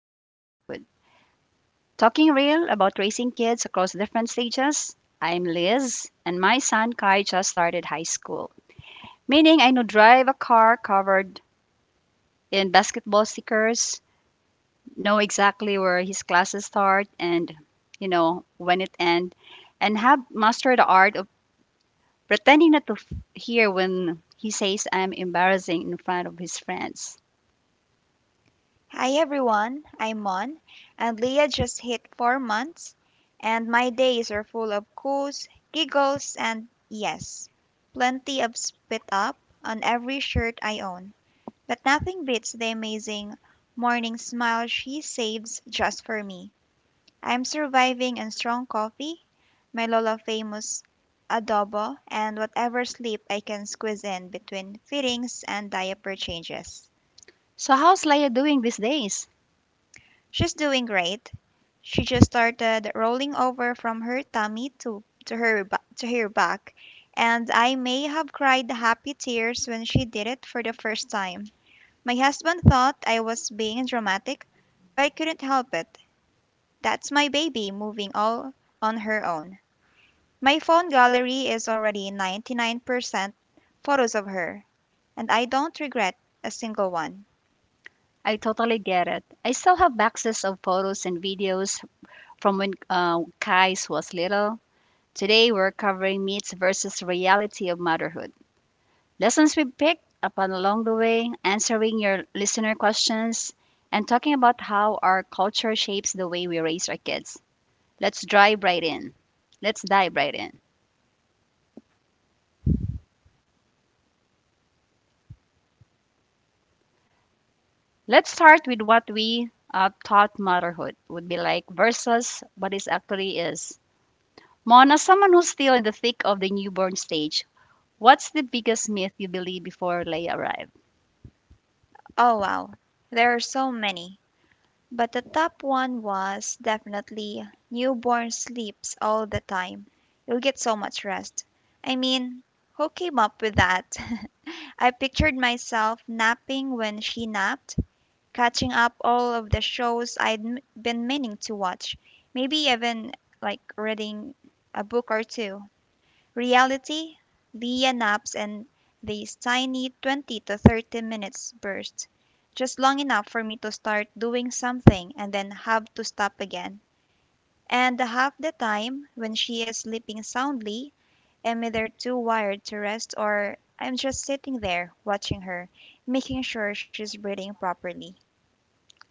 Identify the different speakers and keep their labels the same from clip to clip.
Speaker 1: of Motherhood, talking real about raising kids across different stages. I'm Liz, and my son Kai just started high school, meaning I know drive a car covered in basketball stickers, know exactly where his classes start and, when it end, and have mastered the art of pretending not to hear when he says I'm embarrassing in front of his friends. So how's Leia doing these days? I totally get it. I still have boxes of photos and videos from when Kais was little. Today, we're covering myths versus reality of motherhood. Lessons we picked up on along the way, answering your listener questions, and talking about how our culture shapes the way we raise our kids. Let's dive right in. Let's dive right in. Let's start with what we thought motherhood would be like versus what it actually is. Mon, as someone who's still in the thick of the newborn stage, what's the biggest myth you believe before Leia arrived?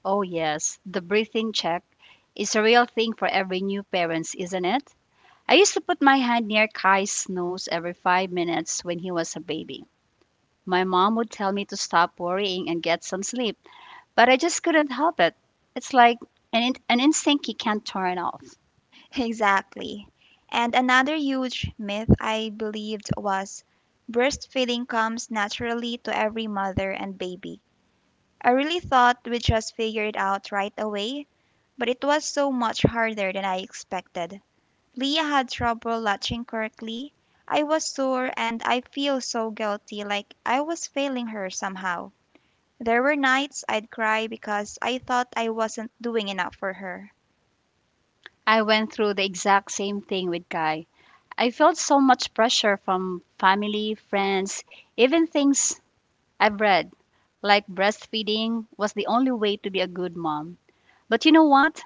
Speaker 1: Oh, yes, the breathing check is a real thing for every new parents, isn't it? I used to put my hand near Kai's nose every 5 minutes when he was a baby. My mom would tell me to stop worrying and get some sleep, but I just couldn't help it. It's like an instinct you can't turn off. I went through the exact same thing with Kai. I felt so much pressure from family, friends, even things I've read like breastfeeding was the only way to be a good mom. But you know what?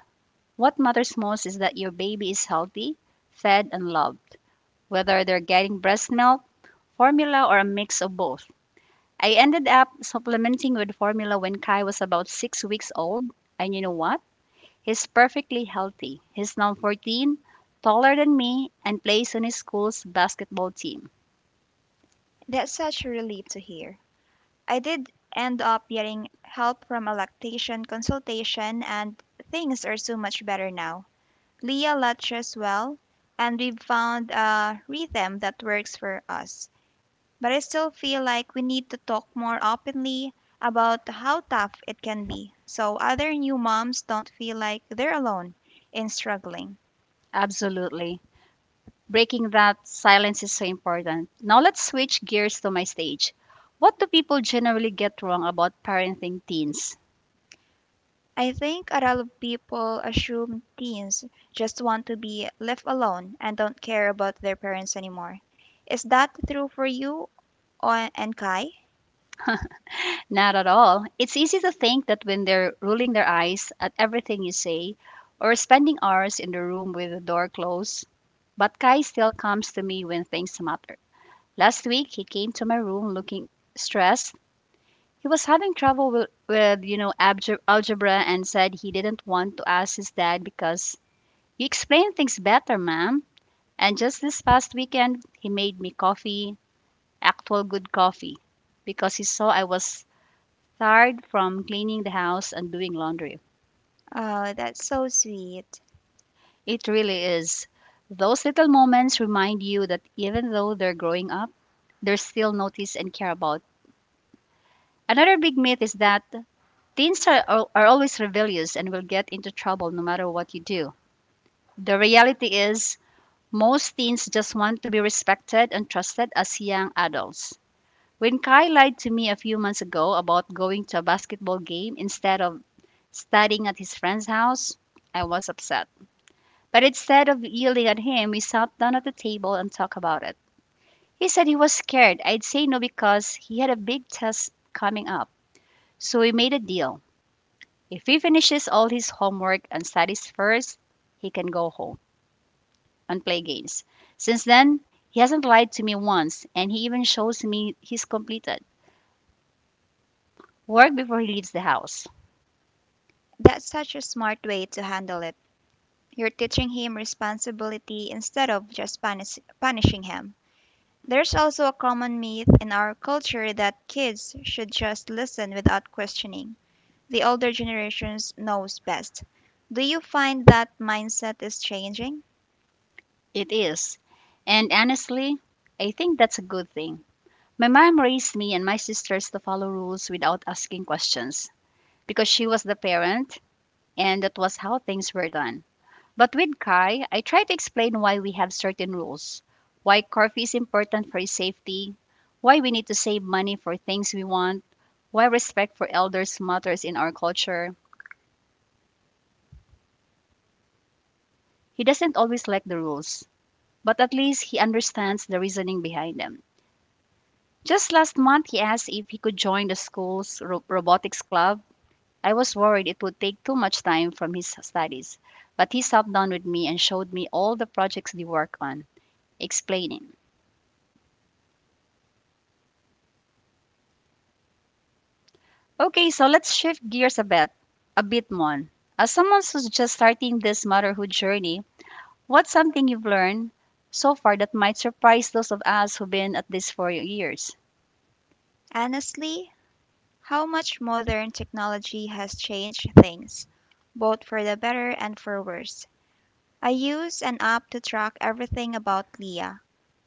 Speaker 1: What matters most is that your baby is healthy, fed, and loved, whether they're getting breast milk, formula, or a mix of both. I ended up supplementing with formula when Kai was about 6 weeks old, and you know what? He's perfectly healthy. He's now 14, taller than me, and plays on his school's basketball team. Absolutely. Breaking that silence is so important. Now let's switch gears to my stage. What do people generally get wrong about parenting teens? Not at all. It's easy to think that when they're rolling their eyes at everything you say or spending hours in the room with the door closed, but Kai still comes to me when things matter. Last week, he came to my room looking stressed. He was having trouble with algebra and said he didn't want to ask his dad because you explain things better, ma'am. And just this past weekend, he made me coffee, actual good coffee, because he saw I was tired from cleaning the house and doing laundry. It really is. Those little moments remind you that even though they're growing up, they're still noticed and cared about. Another big myth is that teens are always rebellious and will get into trouble no matter what you do. The reality is, most teens just want to be respected and trusted as young adults. When Kai lied to me a few months ago about going to a basketball game instead of studying at his friend's house, I was upset. But instead of yelling at him, we sat down at the table and talked about it. He said he was scared I'd say no because he had a big test coming up. So we made a deal. If he finishes all his homework and studies first, he can go home and play games. Since then, he hasn't lied to me once, and he even shows me he's completed work before he leaves the house. It is. And honestly, I think that's a good thing. My mom raised me and my sisters to follow rules without asking questions because she was the parent and that was how things were done. But with Kai, I try to explain why we have certain rules, why coffee is important for his safety, why we need to save money for things we want, why respect for elders matters in our culture. He doesn't always like the rules, but at least he understands the reasoning behind them. Just last month, he asked if he could join the school's robotics club. I was worried it would take too much time from his studies, but he sat down with me and showed me all the projects they work on, explaining. Okay, so let's shift gears a bit more. As someone who's just starting this motherhood journey, what's something you've learned so far that might surprise those of us who've been at this for years?
Speaker 2: Honestly, how much modern technology has changed things, both for the better and for worse. I use an app to track everything about Leah,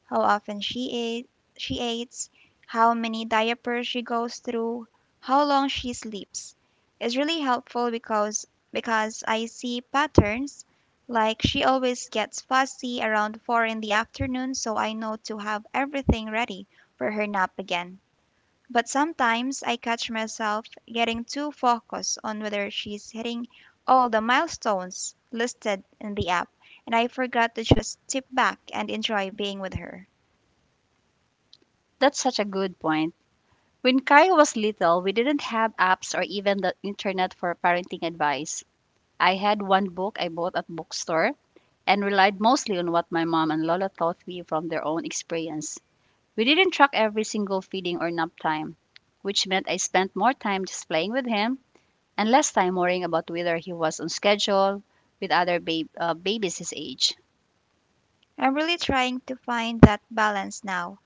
Speaker 2: how often she eats, how many diapers she goes through, how long she sleeps. It's really helpful because I see patterns like she always gets fussy around 4 in the afternoon, so I know to have everything ready for her nap again. But sometimes I catch myself getting too focused on whether she's hitting all the milestones listed in the app, and I forgot to just tip back and enjoy being with her.
Speaker 1: That's such a good point. When Kai was little, we didn't have apps or even the internet for parenting advice. I had one book I bought at bookstore and relied mostly on what my mom and Lola taught me from their own experience. We didn't track every single feeding or nap time, which meant I spent more time just playing with him and less time worrying about whether he was on schedule with other babies his age.
Speaker 2: I'm really trying to find that balance now.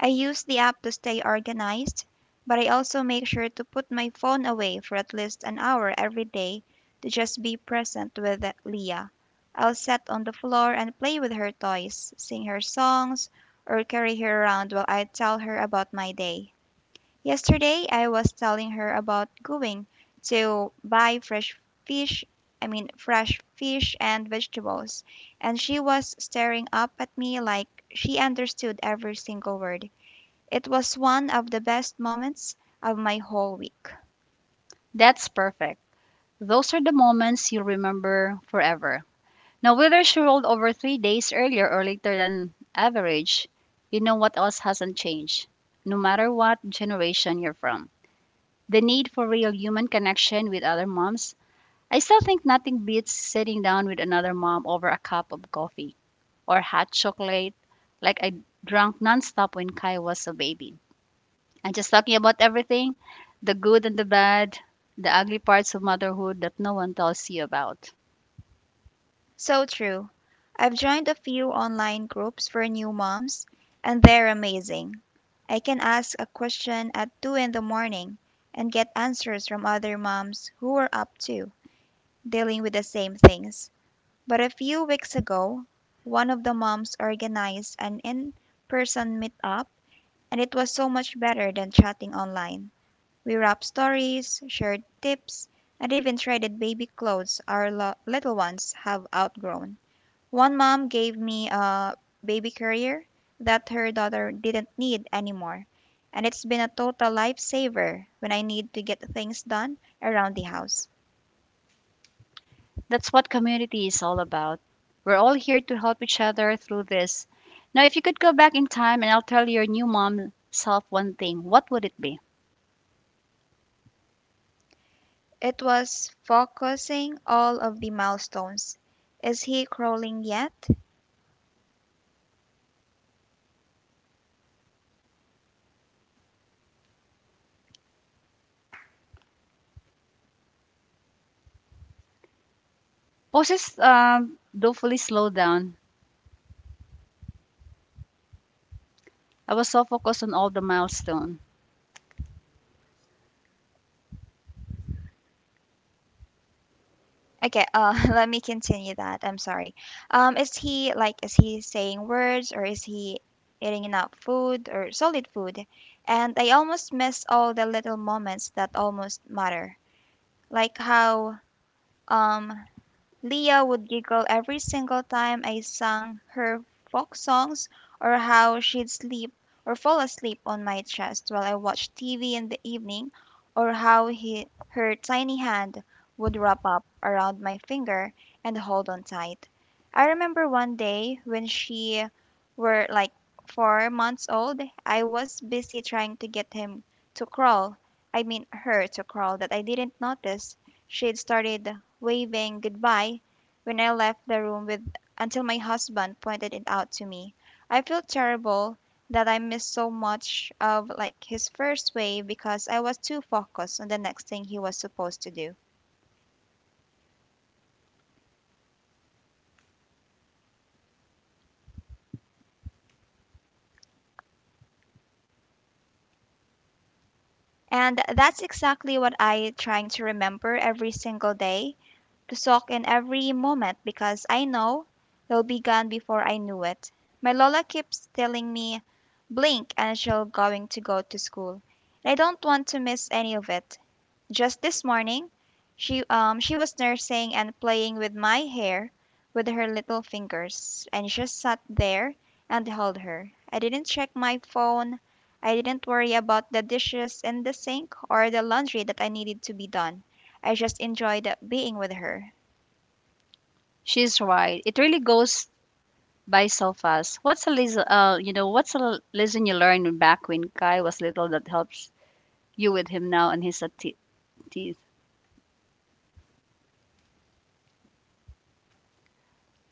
Speaker 2: I use the app to stay organized, but I also make sure to put my phone away for at least an hour every day to just be present with Leah. I'll sit on the floor and play with her toys, sing her songs, or carry her around while I tell her about my day. Yesterday, I was telling her about going to buy fresh fish, I mean, fresh fish and vegetables, and she was staring up at me like she understood every single word. It was one of the best moments of my whole week.
Speaker 1: That's perfect. Those are the moments you'll remember forever. Now, whether she rolled over 3 days earlier or later than average, you know what else hasn't changed, no matter what generation you're from, the need for real human connection with other moms. I still think nothing beats sitting down with another mom over a cup of coffee or hot chocolate like I drank nonstop when Kai was a baby. And just talking about everything, the good and the bad, the ugly parts of motherhood that no one tells you about.
Speaker 2: So true. I've joined a few online groups for new moms, and they're amazing. I can ask a question at 2 in the morning and get answers from other moms who are up too, dealing with the same things. But a few weeks ago, one of the moms organized an in person meetup, and it was so much better than chatting online. We wrapped stories, shared tips, and even traded baby clothes our little ones have outgrown. One mom gave me a baby carrier that her daughter didn't need anymore, and it's been a total lifesaver when I need to get things done around the house.
Speaker 1: That's what community is all about. We're all here to help each other through this. Now, if you could go back in time and I'll tell your new mom self one thing, what would it be?
Speaker 2: It was focusing all of the milestones. Is he crawling yet?
Speaker 1: Poses thoughtfully slowed down. I was so focused on all the milestone.
Speaker 2: Okay, let me continue that. I'm sorry. Is he is he saying words or is he eating enough food or solid food? And I almost miss all the little moments that almost matter. Like how um Leah would giggle every single time I sang her folk songs, or how she'd sleep or fall asleep on my chest while I watched TV in the evening, or how her tiny hand would wrap up around my finger and hold on tight. I remember one day when she were like 4 months old, I was busy trying to get him to crawl. I mean, her to crawl that I didn't notice she had started waving goodbye when I left the room with until my husband pointed it out to me. I felt terrible that I missed so much of like his first wave because I was too focused on the next thing he was supposed to do. And that's exactly what I trying to remember every single day to soak in every moment because I know they'll be gone before I knew it. My Lola keeps telling me, blink and she'll going to go to school. And I don't want to miss any of it. Just this morning, she she was nursing and playing with my hair with her little fingers, and just sat there and held her. I didn't check my phone. I didn't worry about the dishes in the sink or the laundry that I needed to be done. I just enjoyed being with her.
Speaker 1: She's right. It really goes by so fast. What's a lesson you learned back when Kai was little that helps you with him now and his teeth?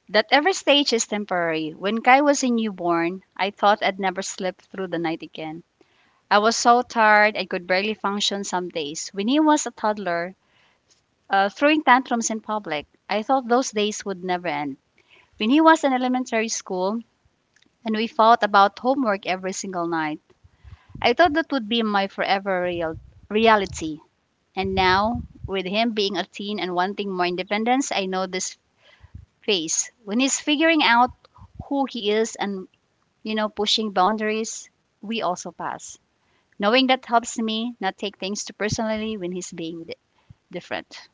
Speaker 1: That every stage is temporary. When Kai was a newborn, I thought I'd never sleep through the night again. I was so tired I could barely function some days. When he was a toddler, throwing tantrums in public, I thought those days would never end. When he was in elementary school, and we fought about homework every single night, I thought that would be my forever reality. And now, with him being a teen and wanting more independence, I know this phase. When he's figuring out who he is and, pushing boundaries, we also pass. Knowing that helps me not take things too personally when he's being different.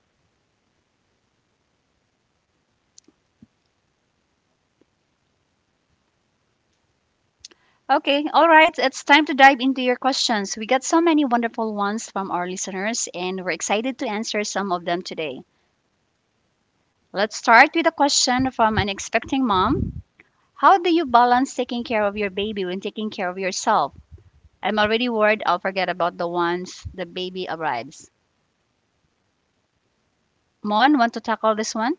Speaker 1: Okay, all right. It's time to dive into your questions. We got so many wonderful ones from our listeners, and we're excited to answer some of them today. Let's start with a question from an expecting mom. How do you balance taking care of your baby when taking care of yourself? I'm already worried I'll forget about the ones the baby arrives. Mon, want to tackle this one?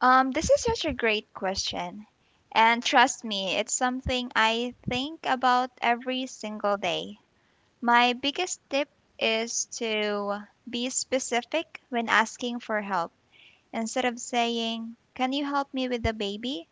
Speaker 2: This is such a great question. And trust me, it's something I think about every single day. My biggest tip is to be specific when asking for help. Instead of saying, "Can you help me with the baby?"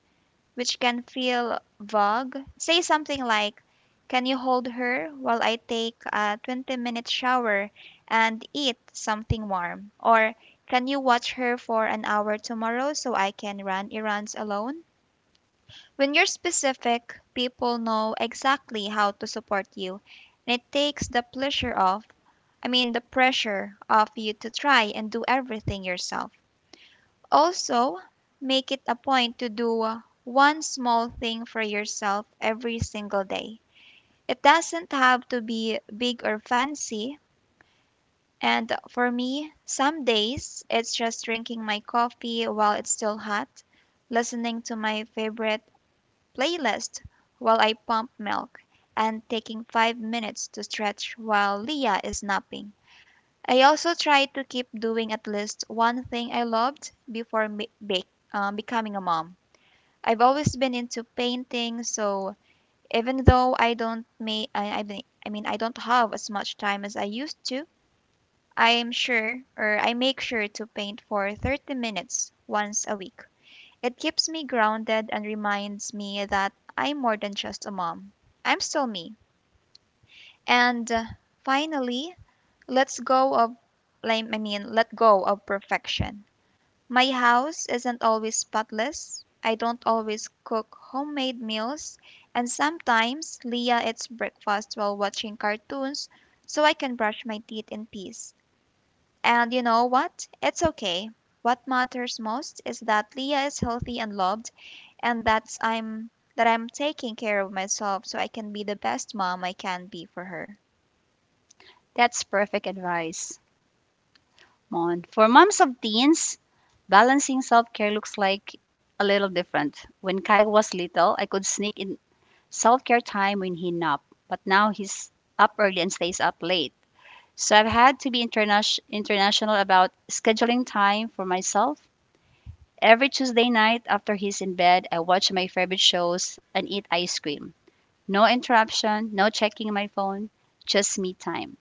Speaker 2: which can feel vague. Say something like, "Can you hold her while I take a 20-minute shower and eat something warm?" Or, "Can you watch her for an hour tomorrow so I can run errands alone?" When you're specific, people know exactly how to support you, and it takes the pleasure off, I mean, the pressure off you to try and do everything yourself. Also, make it a point to do one small thing for yourself every single day. It doesn't have to be big or fancy. And for me, some days it's just drinking my coffee while it's still hot, listening to my favorite playlist while I pump milk, and taking 5 minutes to stretch while Leah is napping. I also try to keep doing at least one thing I loved becoming a mom. I've always been into painting, so even though I don't make I mean I mean I don't have as much time as I used to, I make sure to paint for 30 minutes once a week. It keeps me grounded and reminds me that I'm more than just a mom. I'm still me. And finally, let's go of let go of perfection. My house isn't always spotless. I don't always cook homemade meals, and sometimes Leah eats breakfast while watching cartoons so I can brush my teeth in peace. And you know what? It's okay. What matters most is that Leah is healthy and loved, and that I'm taking care of myself so I can be the best mom I can be for her.
Speaker 1: That's perfect advice, Mon. For moms of teens, balancing self care looks like a little different. When Kai was little, I could sneak in self care time when he napped, but now he's up early and stays up late. So I've had to be international about scheduling time for myself. Every Tuesday night after he's in bed, I watch my favorite shows and eat ice cream. No interruption, no checking my phone, just me time.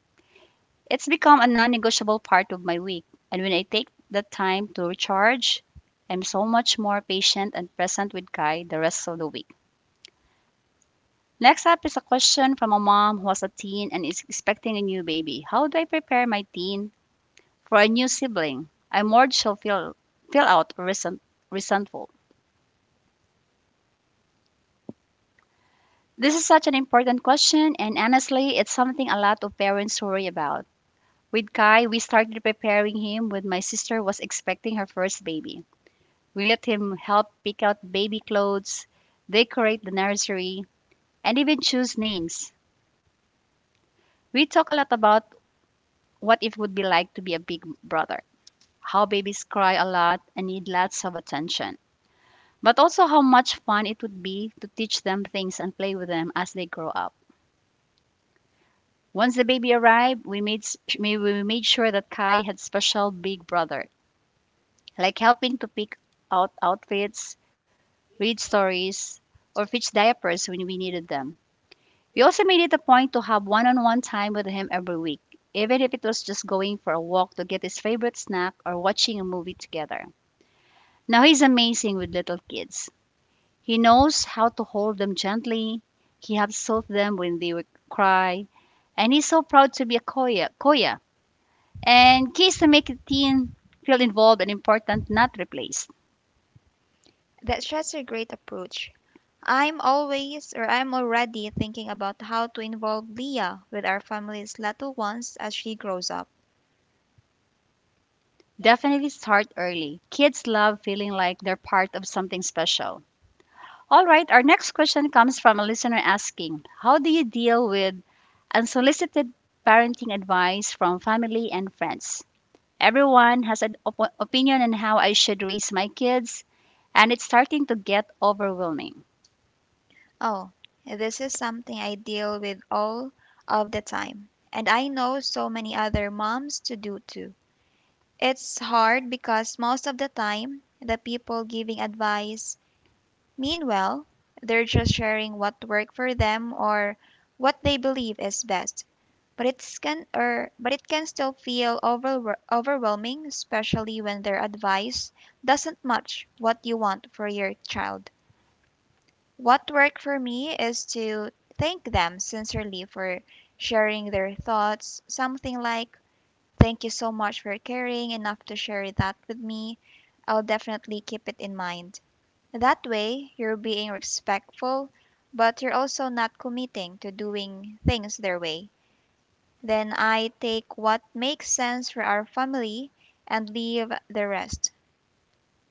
Speaker 1: It's become a non negotiable part of my week. And when I take the time to recharge, I'm so much more patient and present with Kai the rest of the week. Next up is a question from a mom who has a teen and is expecting a new baby. How do I prepare my teen for a new sibling? I'm worried she'll feel out or resentful. This is such an important question, and honestly, it's something a lot of parents worry about. With Kai, we started preparing him when my sister was expecting her first baby. We let him help pick out baby clothes, decorate the nursery, and even choose names. We talk a lot about what it would be like to be a big brother, how babies cry a lot and need lots of attention, but also how much fun it would be to teach them things and play with them as they grow up. Once the baby arrived, we made sure that Kai had special big brother, like helping to pick out outfits, read stories, or fetch diapers when we needed them. We also made it a point to have one on one time with him every week, even if it was just going for a walk to get his favorite snack or watching a movie together. Now he's amazing with little kids. He knows how to hold them gently. He absolved them when they would cry. And he's so proud to be a Koya. Koya. And keys to make a teen feel involved and important, not replaced.
Speaker 2: That's just a great approach. I'm always or I'm already thinking about how to involve Leah with our family's little ones as she grows up.
Speaker 1: Definitely start early. Kids love feeling like they're part of something special. All right, our next question comes from a listener asking, how do you deal with unsolicited parenting advice from family and friends? Everyone has an opinion on how I should raise my kids, and it's starting to get overwhelming.
Speaker 2: Oh, this is something I deal with all of the time, and I know so many other moms to do too. It's hard because most of the time, the people giving advice mean well, they're just sharing what worked for them or what they believe is best, but it can still feel overwhelming, especially when their advice doesn't match what you want for your child. What worked for me is to thank them sincerely for sharing their thoughts, something like, "Thank you so much for caring enough to share that with me. I'll definitely keep it in mind." That way, you're being respectful, but you're also not committing to doing things their way. Then I take what makes sense for our family and leave the rest.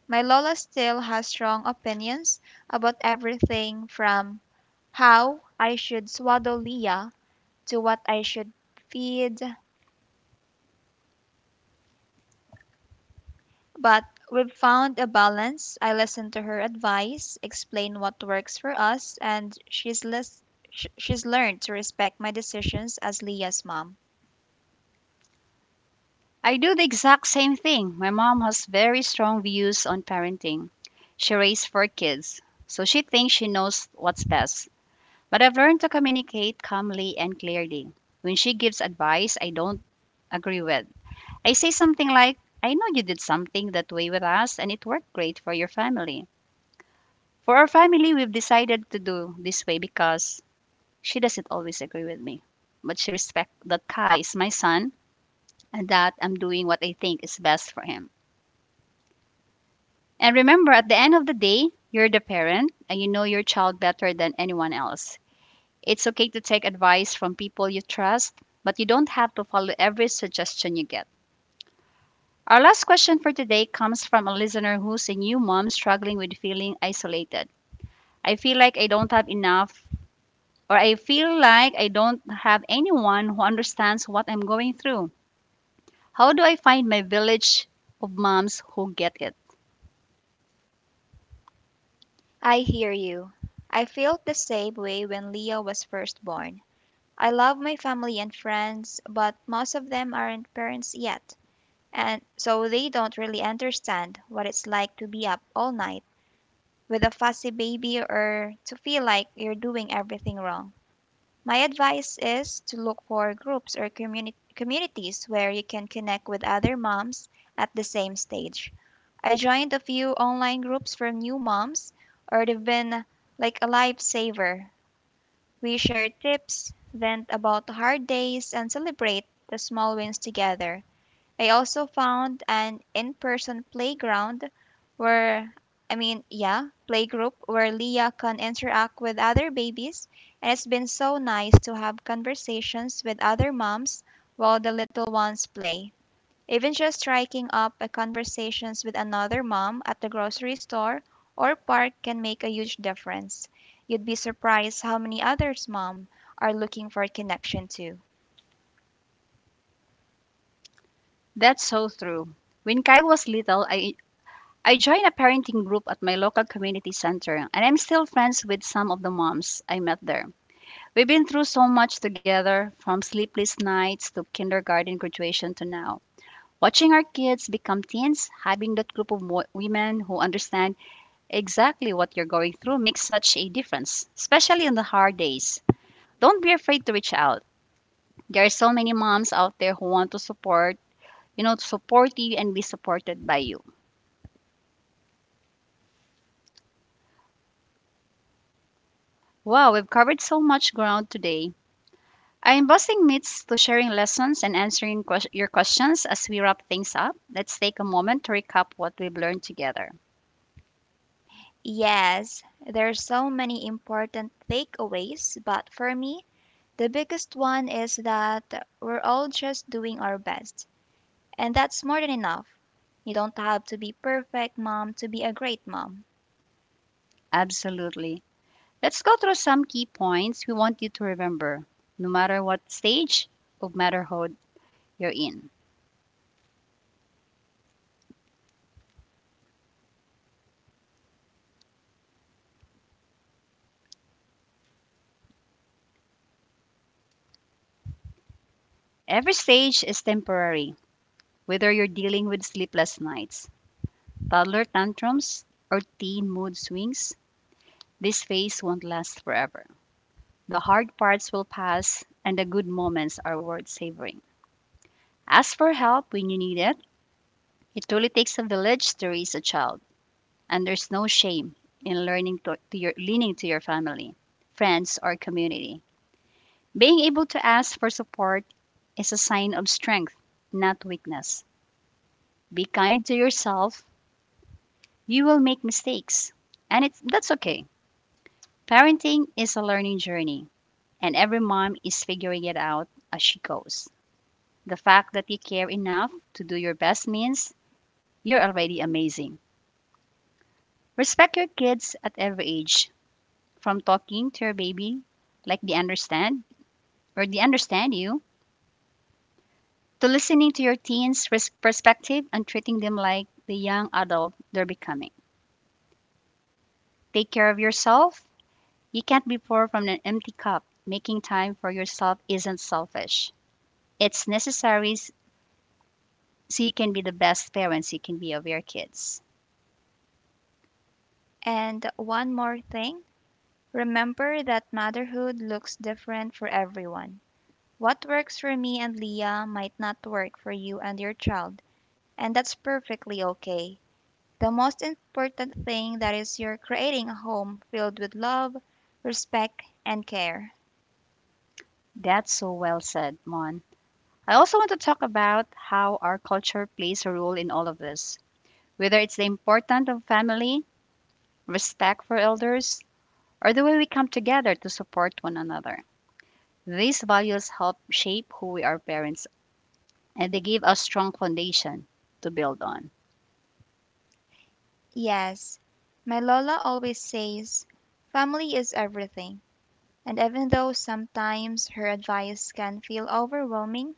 Speaker 2: My Lola still has strong opinions about everything from how I should swaddle Leah to what I should feed, but we've found a balance. I listen to her advice, explain what works for us, and she's learned to respect my decisions as Leah's mom.
Speaker 1: I do the exact same thing. My mom has very strong views on parenting. She raised 4 kids, so she thinks she knows what's best. But I've learned to communicate calmly and clearly. When she gives advice I don't agree with, I say something like, I know you did something that way with us and it worked great for your family. For our family, we've decided to do this way because she doesn't always agree with me. But she respects that Kai is my son and that I'm doing what I think is best for him. And remember, at the end of the day, you're the parent and you know your child better than anyone else. It's okay to take advice from people you trust, but you don't have to follow every suggestion you get. Our last question for today comes from a listener who's a new mom struggling with feeling isolated. I feel like I don't have enough, or I feel like I don't have anyone who understands what I'm going through. How do I find my village of moms who get it?
Speaker 2: I hear you. I felt the same way when Leah was first born. I love my family and friends, but most of them aren't parents yet, and so they don't really understand what it's like to be up all night with a fussy baby or to feel like you're doing everything wrong. My advice is to look for groups or communities where you can connect with other moms at the same stage. I joined a few online groups for new moms, or they've been like a lifesaver. We share tips, vent about hard days, and celebrate the small wins together. I also found an in person playground where, I mean, yeah, playgroup where Leah can interact with other babies, and it's been so nice to have conversations with other moms while the little ones play. Even just striking up a conversations with another mom at the grocery store or park can make a huge difference. You'd be surprised how many others mom are looking for connection too.
Speaker 1: That's so true. When Kyle was little, I joined a parenting group at my local community center, and I'm still friends with some of the moms I met there. We've been through so much together, from sleepless nights to kindergarten graduation to now. Watching our kids become teens, having that group of women who understand exactly what you're going through makes such a difference, especially on the hard days. Don't be afraid to reach out. There are so many moms out there who want to support, to support you and be supported by you. Wow, we've covered so much ground today. I am busting myths to sharing lessons and answering your questions as we wrap things up. Let's take a moment to recap what we've learned together.
Speaker 2: Yes, there's so many important takeaways, but for me, the biggest one is that we're all just doing our best, and that's more than enough. You don't have to be perfect mom to be a great mom.
Speaker 1: Absolutely. Let's go through some key points we want you to remember, no matter what stage of motherhood you're in. Every stage is temporary. Whether you're dealing with sleepless nights, toddler tantrums, or teen mood swings, this phase won't last forever. The hard parts will pass, and the good moments are worth savoring. Ask for help when you need it. It truly takes a village to raise a child, and there's no shame in learning to your leaning to your family, friends, or community. Being able to ask for support is a sign of strength, not weakness. Be kind to yourself. You will make mistakes, and it's that's okay. Parenting is a learning journey, and every mom is figuring it out as she goes. The fact that you care enough to do your best means you're already amazing. Respect your kids at every age, from talking to your baby like they understand or they understand you, to listening to your teens' perspective and treating them like the young adult they're becoming. Take care of yourself. You can't be poor from an empty cup. Making time for yourself isn't selfish. It's necessary so you can be the best parents you can be of your kids.
Speaker 2: And one more thing, remember that motherhood looks different for everyone. What works for me and Leah might not work for you and your child, and that's perfectly okay. The most important thing that is you're creating a home filled with love, respect, and care.
Speaker 1: That's so well said, Mon. I also want to talk about how our culture plays a role in all of this, whether it's the importance of family, respect for elders, or the way we come together to support one another. These values help shape who we are parents, and they give us strong foundation to build on.
Speaker 2: Yes, my Lola always says, family is everything. And even though sometimes her advice can feel overwhelming,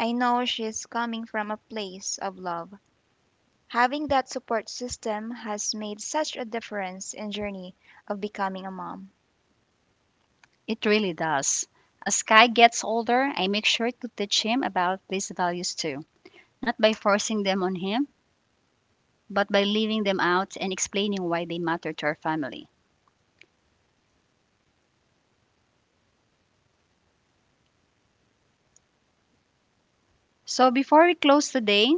Speaker 2: I know she's coming from a place of love. Having that support system has made such a difference in journey of becoming a mom.
Speaker 1: It really does. As Kai gets older, I make sure to teach him about these values too, not by forcing them on him, but by leaving them out and explaining why they matter to our family. So before we close today,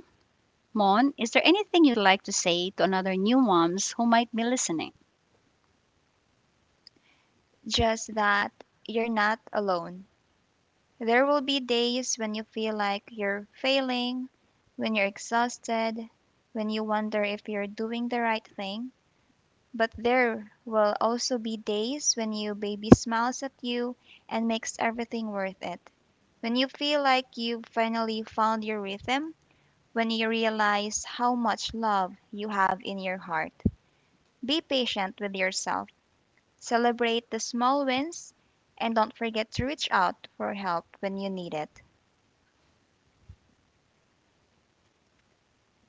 Speaker 1: Mon, is there anything you'd like to say to another new moms who might be listening?
Speaker 2: Just that you're not alone. There will be days when you feel like you're failing, when you're exhausted, when you wonder if you're doing the right thing. But there will also be days when your baby smiles at you and makes everything worth it. When you feel like you've finally found your rhythm, when you realize how much love you have in your heart. Be patient with yourself, celebrate the small wins, and don't forget to reach out for help when you need it.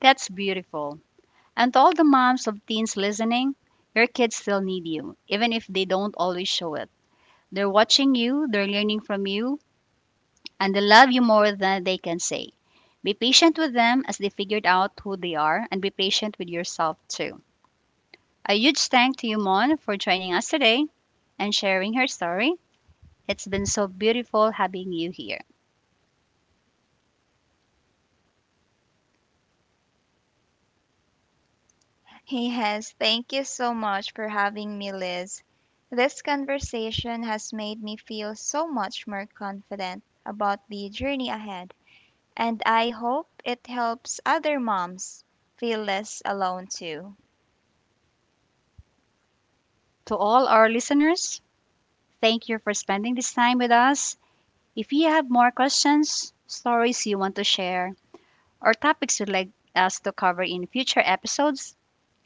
Speaker 1: That's beautiful. And to all the moms of teens listening, your kids still need you, even if they don't always show it. They're watching you, they're learning from you, and they love you more than they can say. Be patient with them as they figured out who they are, and be patient with yourself too. A huge thank to you, Mon, for joining us today and sharing her story. It's been so beautiful having you here.
Speaker 2: Yes, thank you so much for having me, Liz. This conversation has made me feel so much more confident about the journey ahead, and I hope it helps other moms feel less alone too.
Speaker 1: To all our listeners, thank you for spending this time with us. If you have more questions, stories you want to share, or topics you'd like us to cover in future episodes,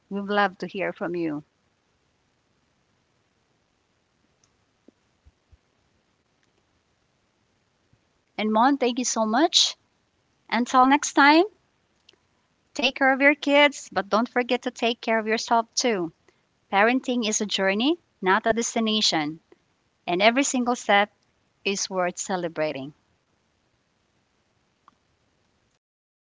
Speaker 1: we'd love to hear from you. And Mon, thank you so much. Until next time, take care of your kids, but don't forget to take care of yourself too. Parenting is a journey, not a destination, and every single step is worth celebrating.